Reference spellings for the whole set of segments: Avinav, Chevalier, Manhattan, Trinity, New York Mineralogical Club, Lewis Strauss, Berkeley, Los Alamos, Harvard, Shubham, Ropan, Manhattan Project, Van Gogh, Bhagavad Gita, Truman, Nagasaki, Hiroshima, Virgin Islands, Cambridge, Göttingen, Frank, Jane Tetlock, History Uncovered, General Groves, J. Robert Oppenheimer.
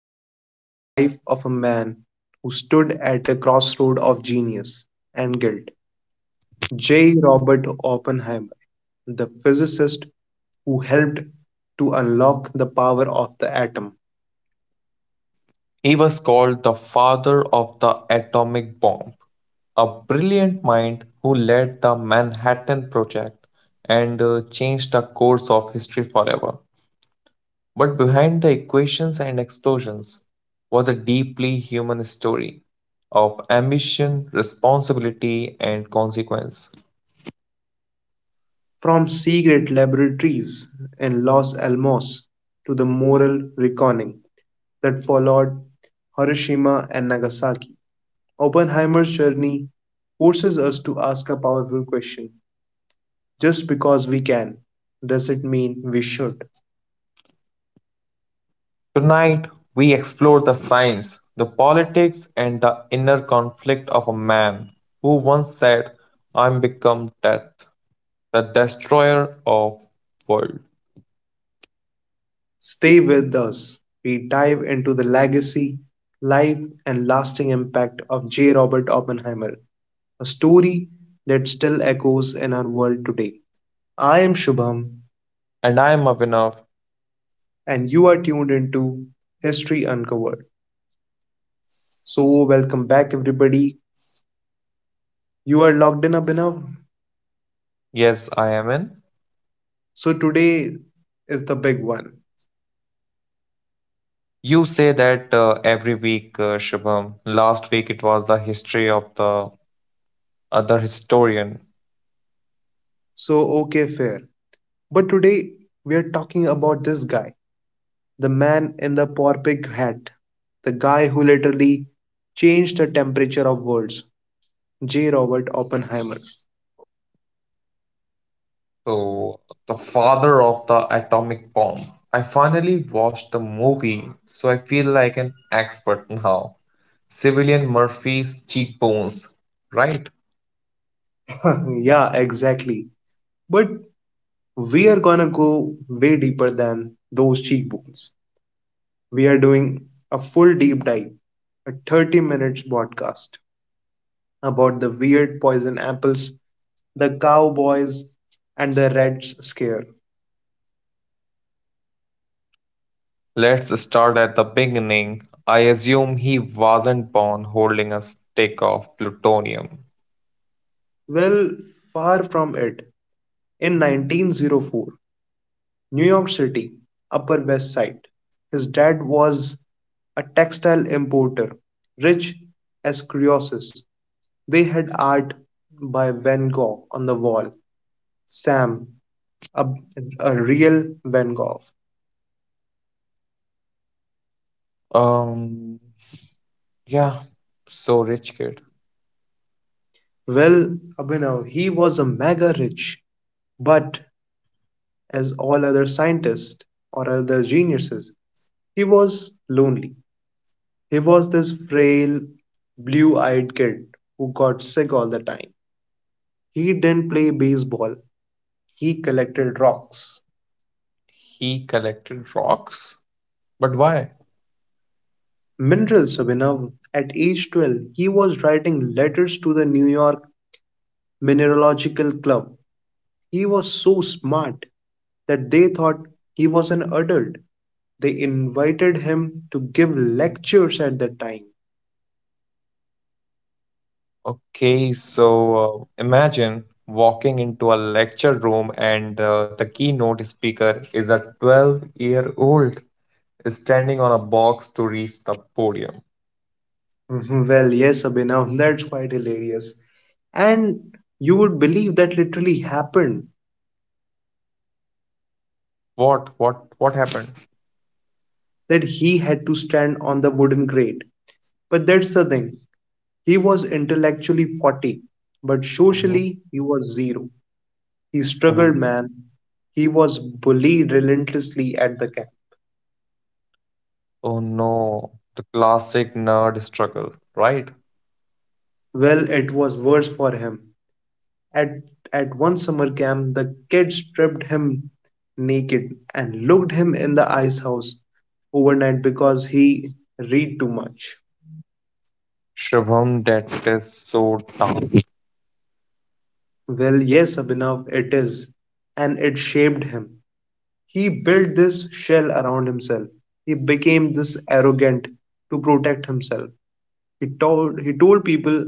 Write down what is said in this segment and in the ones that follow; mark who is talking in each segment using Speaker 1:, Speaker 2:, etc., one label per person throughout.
Speaker 1: step into the life of a man who stood at a crossroad of genius and guilt. J. Robert Oppenheimer, the physicist who helped to unlock the power of the atom.
Speaker 2: He was called the father of the atomic bomb, a brilliant mind who led the Manhattan Project and changed the course of history forever. But behind the equations and explosions was a deeply human story of ambition, responsibility, and consequence.
Speaker 1: From secret laboratories in Los Alamos to the moral reckoning that followed Hiroshima and Nagasaki, Oppenheimer's journey forces us to ask a powerful question. Just because we can, does it mean we should?
Speaker 2: Tonight, we explore the science, the politics, and the inner conflict of a man who once said, I'm become death. The destroyer of world.
Speaker 1: Stay with us. We dive into the legacy, life, and lasting impact of J. Robert Oppenheimer, a story that still echoes in our world today. I am Shubham,
Speaker 2: And I am Avinav.
Speaker 1: and you are tuned into History Uncovered. So, welcome back, everybody. You are logged in, up enough.
Speaker 2: Yes, I am in.
Speaker 1: So, today is the big one.
Speaker 2: You say that every week, Shubham. Last week it was the history of the other historian.
Speaker 1: So, okay, fair. But today we are talking about this guy, the man in the porpig hat, the guy who literally changed the temperature of worlds, J. Robert Oppenheimer.
Speaker 2: So, the father of the atomic bomb. I finally watched the movie, so I feel like an expert now. Civilian Murphy's cheekbones, right?
Speaker 1: Yeah, exactly. But we are gonna go way deeper than those cheekbones. We are doing a full deep dive, a 30 minutes podcast about the weird poison apples, the cowboys, and the Reds scare.
Speaker 2: Let's start at the beginning. I assume he wasn't born holding a stick of plutonium.
Speaker 1: Well, far from it. In 1904, New York City, Upper West Side. His dad was a textile importer, rich as Croesus. They had art by Van Gogh on the wall. Sam, a, a real Van Gogh.
Speaker 2: Um, yeah, so rich kid.
Speaker 1: Well, Abhinav, he was a mega rich, but as all other scientists or other geniuses, he was lonely. He was this frail, blue eyed kid who got sick all the time. He didn't play baseball, he collected rocks.
Speaker 2: He collected rocks, but why?
Speaker 1: Minerals, Abhinav. At age 12, he was writing letters to the New York Mineralogical Club. He was so smart that they thought he was an adult. They invited him to give lectures at that time.
Speaker 2: Okay, so imagine walking into a lecture room and the keynote speaker is a 12-year-old standing on a box to reach the podium.
Speaker 1: Well, yes, Abhinav, that's quite hilarious. And you would believe that literally happened,
Speaker 2: What happened?
Speaker 1: that he had to stand on the wooden grate. But that's the thing. He was intellectually 40, but
Speaker 2: Mhm,
Speaker 1: socially he was zero. He struggled,
Speaker 2: mhm.
Speaker 1: man. He was bullied relentlessly at the camp.
Speaker 2: Oh no, the classic nerd struggle, right?
Speaker 1: Well, it was worse for him. At, at one summer camp, the kids stripped him naked and looked him in the ice house overnight because he read too much.
Speaker 2: Shubham, that is so dumb.
Speaker 1: Well, yes, Abhinav, it is. And it shaped him. He built this shell around himself. He became this arrogant to protect himself. He told people,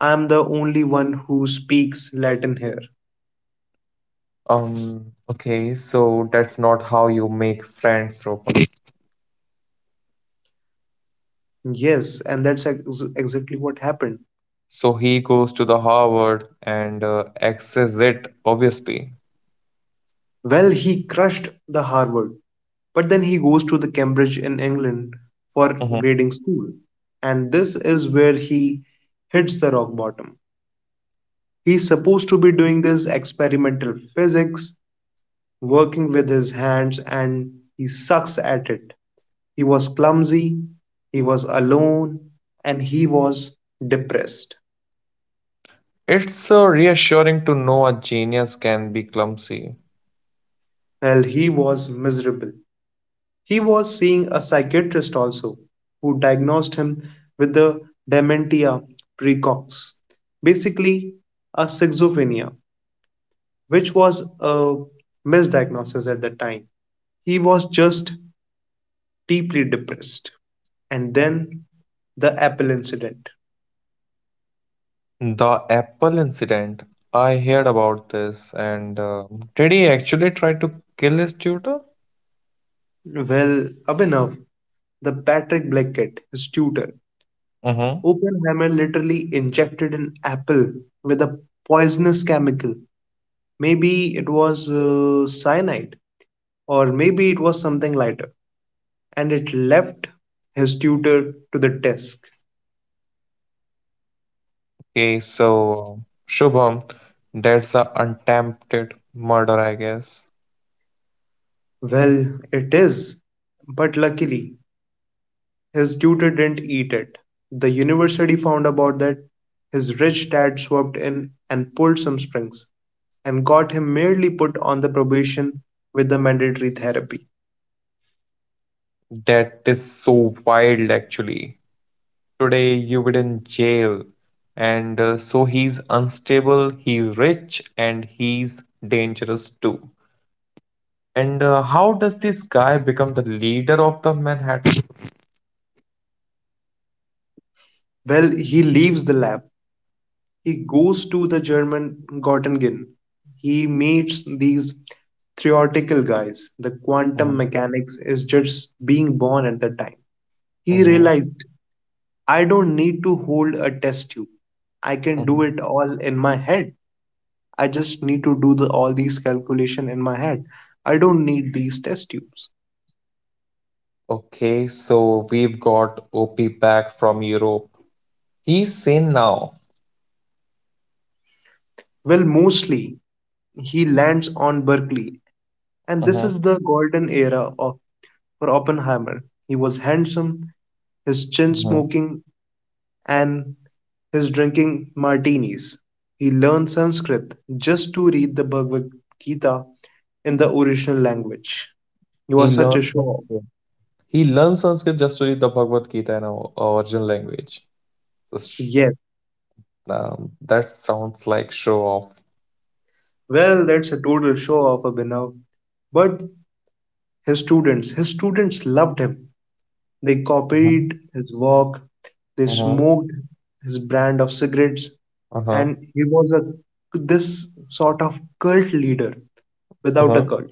Speaker 1: "I am the only one who speaks Latin here."
Speaker 2: Okay, so that's not how you make friends, Ropan.
Speaker 1: Yes, and that's exactly what happened.
Speaker 2: So he goes to the Harvard and exes it, obviously.
Speaker 1: Well, he crushed the Harvard, but then he goes to the Cambridge in England for
Speaker 2: Mhm.
Speaker 1: grading school. And this is where he hits the rock bottom. He's supposed to be doing this experimental physics, working with his hands, and he sucks at it. He was clumsy, he was alone, and he was depressed.
Speaker 2: It's reassuring to know a genius can be clumsy.
Speaker 1: Well, he was miserable. He was seeing a psychiatrist also, who diagnosed him with the dementia precox, basically a schizophrenia, which was a misdiagnosis at the time. He was just deeply depressed. And then the apple incident.
Speaker 2: The Apple incident, I heard about this, and did he actually try to kill his tutor?
Speaker 1: Well, Abhinav, the Patrick Black Cat, his tutor, Oppenheimer literally injected an apple with a poisonous chemical. Maybe it was cyanide, or maybe it was something lighter, and it left his tutor to the desk.
Speaker 2: Okay, so Shubham, that's a attempted murder, I guess.
Speaker 1: Well, it is, but luckily his tutor didn't eat it. The university found about that. His rich dad swooped in and pulled some strings, and got him merely put on the probation with the mandatory therapy.
Speaker 2: That is so wild, actually. Today you would in jail, and so he's unstable, he's rich, and he's dangerous too. And how does this guy become the leader of the Manhattan?
Speaker 1: Well, he leaves the lab. He goes to the German Göttingen. He meets these theoretical guys. The quantum
Speaker 2: Mhm,
Speaker 1: mechanics is just being born at the time. He
Speaker 2: mhm,
Speaker 1: realized, I don't need to hold a test tube. I can do
Speaker 2: mhm.
Speaker 1: it all in my head. I just need to do all these calculation in my head. I don't need these test tubes.
Speaker 2: Okay, so we've got OP back from Europe. He's sane now.
Speaker 1: Well, mostly he lands on Berkeley, and this
Speaker 2: Mhm,
Speaker 1: is the golden era of for Oppenheimer. He was handsome, his chin
Speaker 2: mhm.
Speaker 1: smoking, and his drinking martinis. He learned Sanskrit just to read the Bhagavad Gita in the original language. You are
Speaker 2: He
Speaker 1: such a
Speaker 2: learned
Speaker 1: show off.
Speaker 2: Sanskrit. He learned Sanskrit just to read the Bhagavad Gita in our original language. Just
Speaker 1: Yes.
Speaker 2: That sounds like show off.
Speaker 1: Well, that's a total show off, Abhinav. But his students. His students loved him. They copied his walk, they
Speaker 2: Uh-huh,
Speaker 1: smoked his brand of cigarettes,
Speaker 2: uh-huh,
Speaker 1: and he was a this sort of cult leader without a
Speaker 2: uh-huh.
Speaker 1: cult.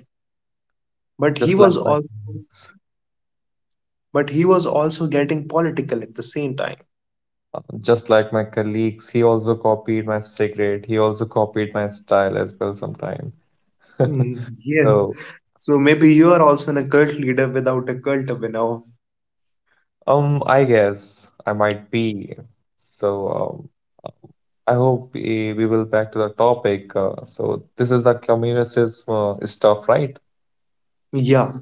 Speaker 1: But he
Speaker 2: Just like
Speaker 1: was
Speaker 2: my
Speaker 1: all,
Speaker 2: colleagues.
Speaker 1: but he was also getting political at the same time.
Speaker 2: Just like my colleagues, he also copied my cigarette. He also copied my style as well sometime.
Speaker 1: Mm, yes.
Speaker 2: So,
Speaker 1: So maybe you are also in a cult leader without a cult of now.
Speaker 2: I guess I might be. So, I hope we will back to the topic. So this is the communist stuff, right?
Speaker 1: Yeah.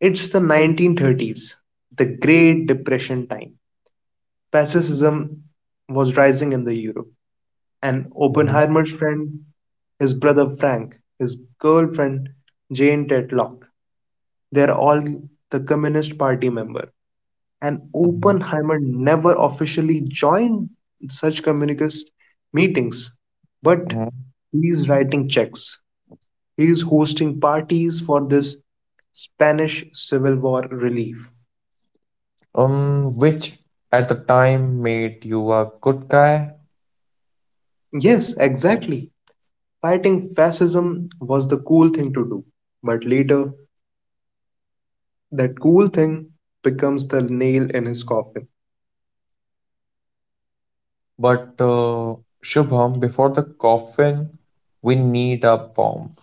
Speaker 1: It's the 1930s, the Great Depression time. Fascism was rising in the Europe. And
Speaker 2: Mhm,
Speaker 1: Oppenheimer's friend, his brother Frank, his girlfriend Jane Tetlock, they're all the Communist Party member. And
Speaker 2: mhm,
Speaker 1: Oppenheimer never officially joined such communist meetings, but
Speaker 2: mhm.
Speaker 1: he's writing checks. He's hosting parties for this Spanish Civil War relief.
Speaker 2: Which at the time made you a good guy,
Speaker 1: Yes, exactly. Fighting fascism was the cool thing to do. But later, that cool thing becomes the nail in his coffin.
Speaker 2: but Shubham, before the coffin, we need a bomb.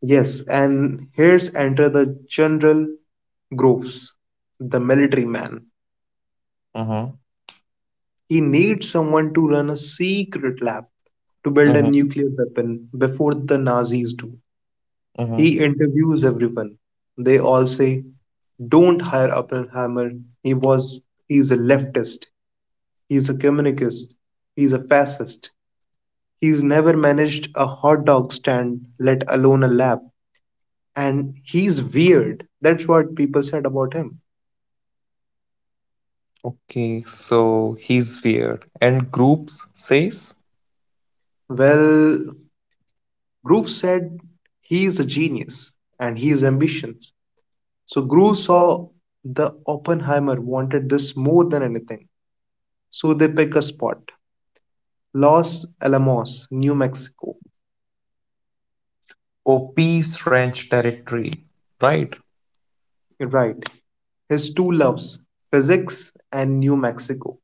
Speaker 1: Yes, and here's enter the General Groves, the military man.
Speaker 2: Mm-hmm,
Speaker 1: He needs someone to run a secret lab to build a nuclear weapon before the Nazis do. He
Speaker 2: mm-hmm.
Speaker 1: interviews everyone. They all say, don't hire Oppenheimer. He was he's a leftist, he's a communist, he's a fascist. He's never managed a hot dog stand, let alone a lab. And he's weird. That's what people said about him.
Speaker 2: Okay, so he's weird. And groups says,
Speaker 1: Well, Groove said he is a genius and he is ambitious. So Groove saw the Oppenheimer wanted this more than anything. So they pick a spot. Los Alamos, New Mexico.
Speaker 2: Oh, Peace Ranch territory. Right?
Speaker 1: Right. His two loves, physics and New Mexico.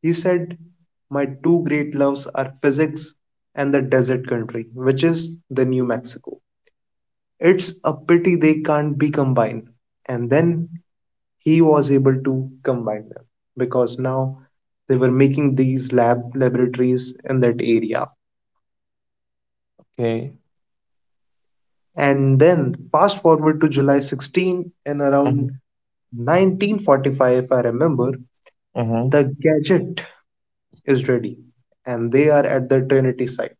Speaker 1: He said, my two great loves are physics and the desert country, which is the New Mexico. It's a pity they can't be combined. And then he was able to combine them, because now they were making these lab laboratories in that area.
Speaker 2: Okay.
Speaker 1: And then fast forward to July 16 and around
Speaker 2: Mm-hmm.
Speaker 1: 1945, if I remember,
Speaker 2: Mm-hmm.
Speaker 1: the gadget is ready and they are at the Trinity site.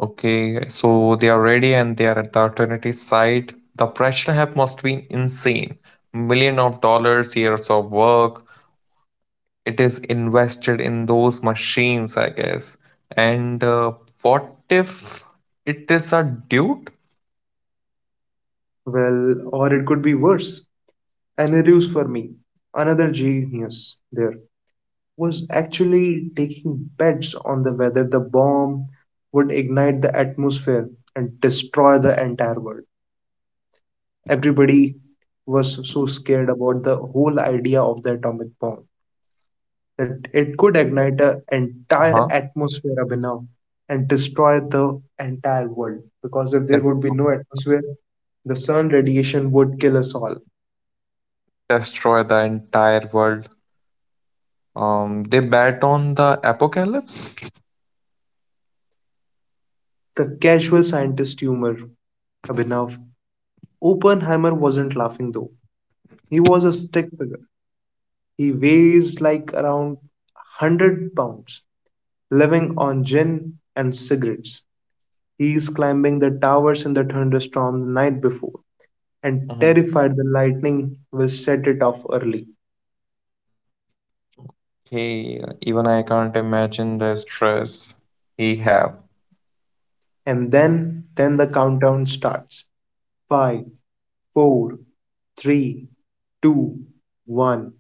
Speaker 2: Okay, so they are ready and they are at the alternative side. The pressure have must be insane. Million of dollars, years of work. It is invested in those machines, I guess. And what if it is a dude?
Speaker 1: Well, or it could be worse. An ruse for me. Another genius there was actually taking bets on the whether the bomb would ignite the atmosphere and destroy the entire world. Everybody was so scared about the whole idea of the atomic bomb, that it could ignite the
Speaker 2: Uh
Speaker 1: entire
Speaker 2: Huh?
Speaker 1: atmosphere, Abhinav, and destroy the entire world. Because if there
Speaker 2: That
Speaker 1: would be no atmosphere, the sun radiation would kill us all.
Speaker 2: destroy the entire world. They bet on the apocalypse.
Speaker 1: The casual scientist humor, Abhinav. Oppenheimer wasn't laughing though. He was a stick figure. He weighs like around 100 pounds, living on gin and cigarettes. He's climbing the towers in the thunderstorm the night before and
Speaker 2: Mhm.
Speaker 1: terrified the lightning will set it off early.
Speaker 2: Hey, even I can't imagine the stress he have.
Speaker 1: And then the countdown starts. Five, four, three, two, one.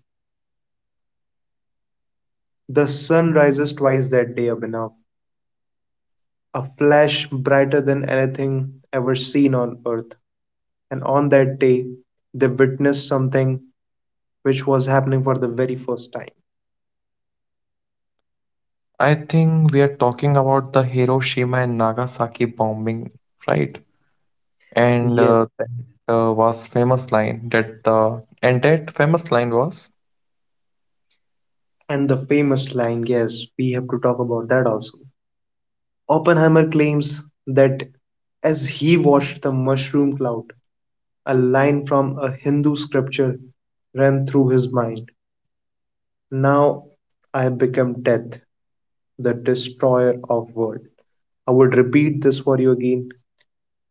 Speaker 1: The sun rises twice that day, Abhinav. A flash brighter than anything ever seen on earth. And on that day, they witness something which was happening for the very first time.
Speaker 2: I think we are talking about the Hiroshima and Nagasaki bombing, right? And
Speaker 1: Yes,
Speaker 2: that was famous line that the and that famous line was.
Speaker 1: and the famous line, yes, we have to talk about that also. Oppenheimer claims that as he watched the mushroom cloud, a line from a Hindu scripture ran through his mind. Now I become death, the destroyer of world. I would repeat this for you again.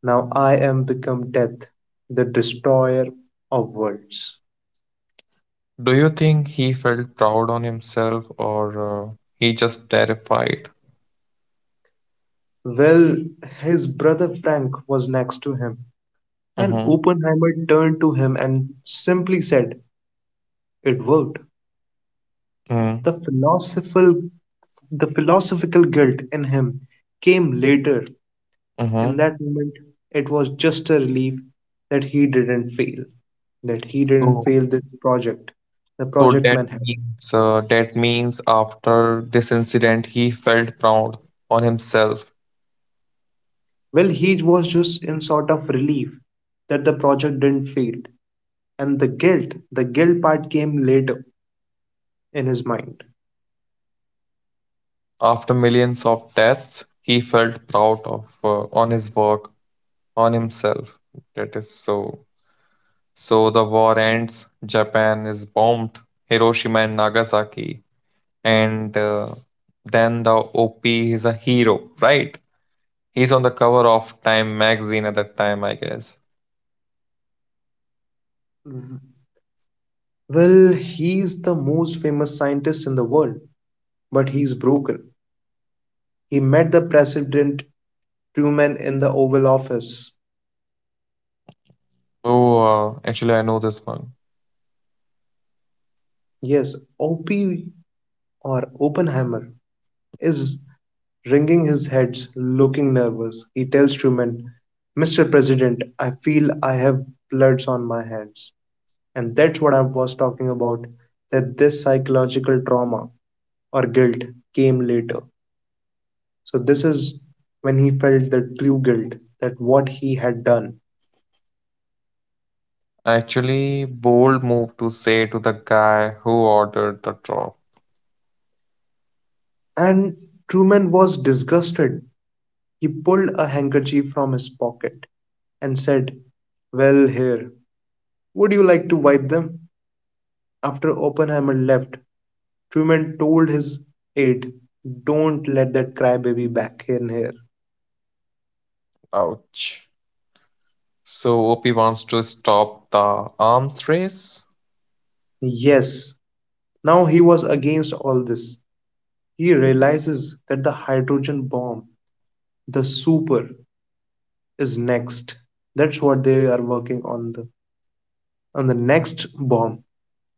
Speaker 1: Now I am become death, the destroyer of worlds.
Speaker 2: Do you think he felt proud on himself or he just terrified?
Speaker 1: Well, his brother Frank was next to him, and
Speaker 2: Mm-hmm.
Speaker 1: Oppenheimer turned to him and simply said, it worked.
Speaker 2: Mm-hmm.
Speaker 1: The philosophical, the philosophical guilt in him came later. In
Speaker 2: Mm-hmm.
Speaker 1: that moment, it was just a relief that he didn't fail, that he didn't
Speaker 2: So,
Speaker 1: fail this project, the
Speaker 2: so
Speaker 1: Project
Speaker 2: that
Speaker 1: Manhattan.
Speaker 2: means that means after this incident, he felt proud on himself.
Speaker 1: Well, he was just in sort of relief that the project didn't fail. And the guilt part came later in his mind.
Speaker 2: After millions of deaths, he felt proud of on his work, on himself. That is so. So the war ends. Japan is bombed. Hiroshima and Nagasaki, and then the OP is a hero, right? He's on the cover of Time magazine at that time, I guess.
Speaker 1: Well, he's the most famous scientist in the world. But he's broken. He met the President Truman in the Oval Office.
Speaker 2: Oh, actually, I know this one.
Speaker 1: Yes, OP or Oppenheimer is wringing his hands, looking nervous. He tells Truman, Mr. President, I feel I have bloods on my hands. And that's what I was talking about, that this psychological trauma or guilt came later. So, this is when he felt the true guilt, that what he had done.
Speaker 2: Actually, bold move to say to the guy who ordered the drop.
Speaker 1: And Truman was disgusted. He pulled a handkerchief from his pocket, and said, "Well, here, would you like to wipe them?" After Oppenheimer left, Truman told his aide, "Don't let that crybaby back in here."
Speaker 2: Ouch. So OP wants to stop the arms race.
Speaker 1: Yes, now he was against all this. He realizes that the hydrogen bomb, the super, is next. That's what they are working on, the on the next bomb,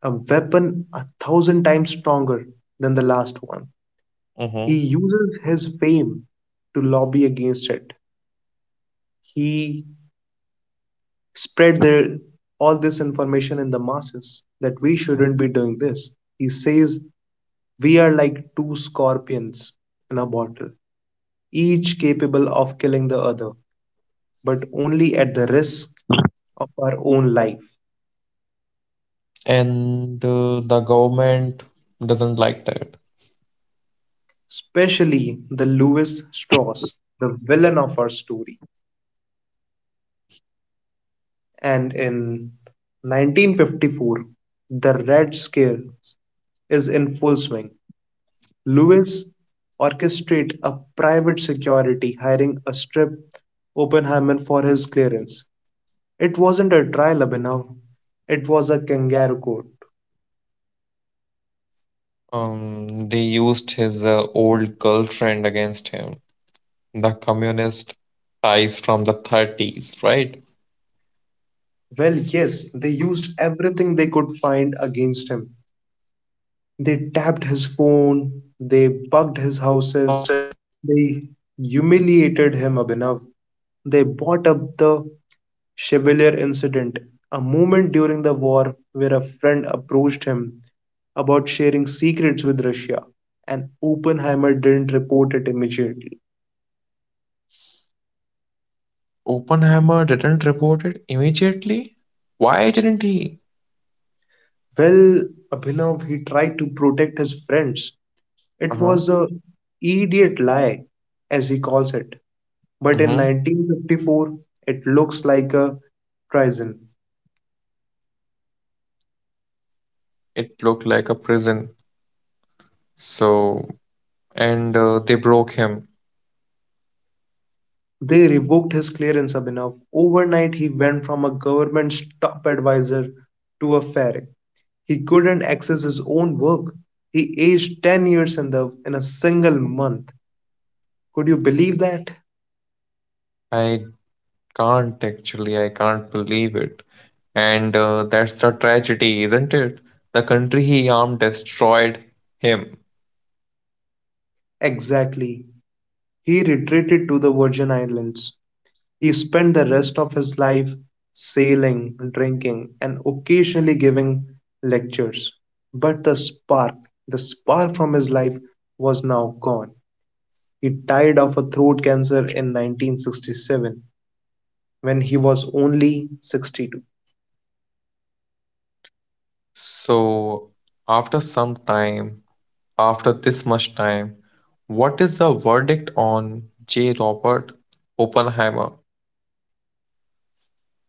Speaker 1: a weapon 1,000 times stronger than the last one. He
Speaker 2: Mhm.
Speaker 1: uses his fame to lobby against it. He spread all this information in the masses that we shouldn't be doing this. He says we are like two scorpions in a bottle, each capable of killing the other, but only at the risk of our own life.
Speaker 2: And the government doesn't like that.
Speaker 1: Especially the Lewis Strauss, the villain of our story. And in 1954, the Red Scare is in full swing. Lewis orchestrated a private security hiring a strip Oppenheimer for his clearance. It wasn't a trial, Abhinav. It was a kangaroo court.
Speaker 2: They used his old girlfriend against him, the communist ties from the 30s, right?
Speaker 1: Well, yes, they used everything they could find against him. They tapped his phone, they bugged his houses, they humiliated him, Abhinav. They brought up the Chevalier incident, a moment during the war where a friend approached him about sharing secrets with Russia, and Oppenheimer didn't report it immediately.
Speaker 2: Oppenheimer didn't report it immediately. Why didn't he?
Speaker 1: Well, Abhinav, he tried to protect his friends. It
Speaker 2: Uh-huh.
Speaker 1: was a idiot lie, as he calls it. But in
Speaker 2: Mm-hmm.
Speaker 1: 1954, it looks like a treason.
Speaker 2: It looked like a prison. So, and they broke him.
Speaker 1: They revoked his clearance, Abhinav. Overnight, he went from a government's top advisor to a ferret. He couldn't access his own work. He aged 10 years in, in a single month. Could you believe that?
Speaker 2: I can't actually, I can't believe it. And that's a tragedy, isn't it? The country he harmed destroyed him.
Speaker 1: Exactly. He retreated to the Virgin Islands. He spent the rest of his life sailing, drinking, and occasionally giving lectures. But the spark from his life was now gone. He died of a throat cancer in 1967 when he was only 62.
Speaker 2: So, after some time, after this much time, what is the verdict on J. Robert Oppenheimer?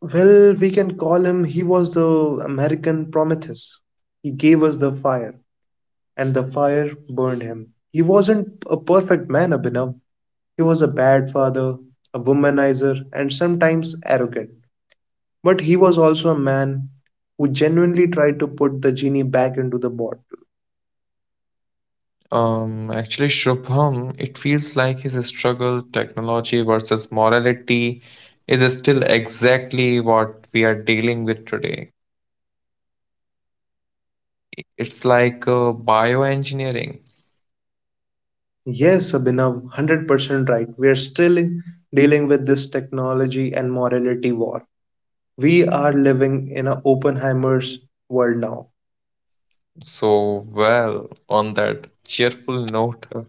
Speaker 1: Well, we can call him he was the American Prometheus. He gave us the fire, and the fire burned him. He wasn't a perfect man, Abhinav. He was a bad father, a womanizer, and sometimes arrogant. But he was also a man who genuinely tried to put the genie back into the bottle.
Speaker 2: Actually, Shubham, it feels like his struggle, technology versus morality, is still exactly what we are dealing with today. It's like bioengineering.
Speaker 1: Yes, Abhinav, 100% right. We are still dealing with this technology and morality war. We are living in an Oppenheimer's world now.
Speaker 2: So, well, on that cheerful note,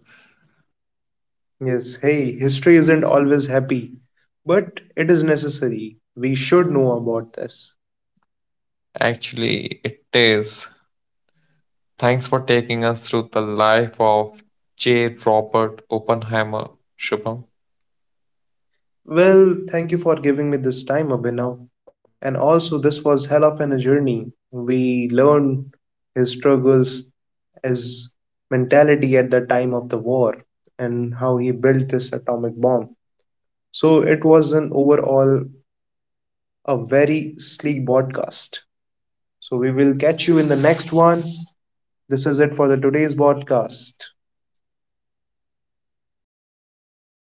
Speaker 1: Yes, hey, history isn't always happy, but it is necessary. We should know about this.
Speaker 2: actually, it is. Thanks for taking us through the life of J. Robert Oppenheimer, Shubham.
Speaker 1: Well, thank you for giving me this time, Abhinav. And also, this was hell of an journey. We learned his struggles, his mentality at the time of the war, and how he built this atomic bomb. So, it was an overall a very sleek broadcast. So, we will catch you in the next one. This is it for the today's broadcast.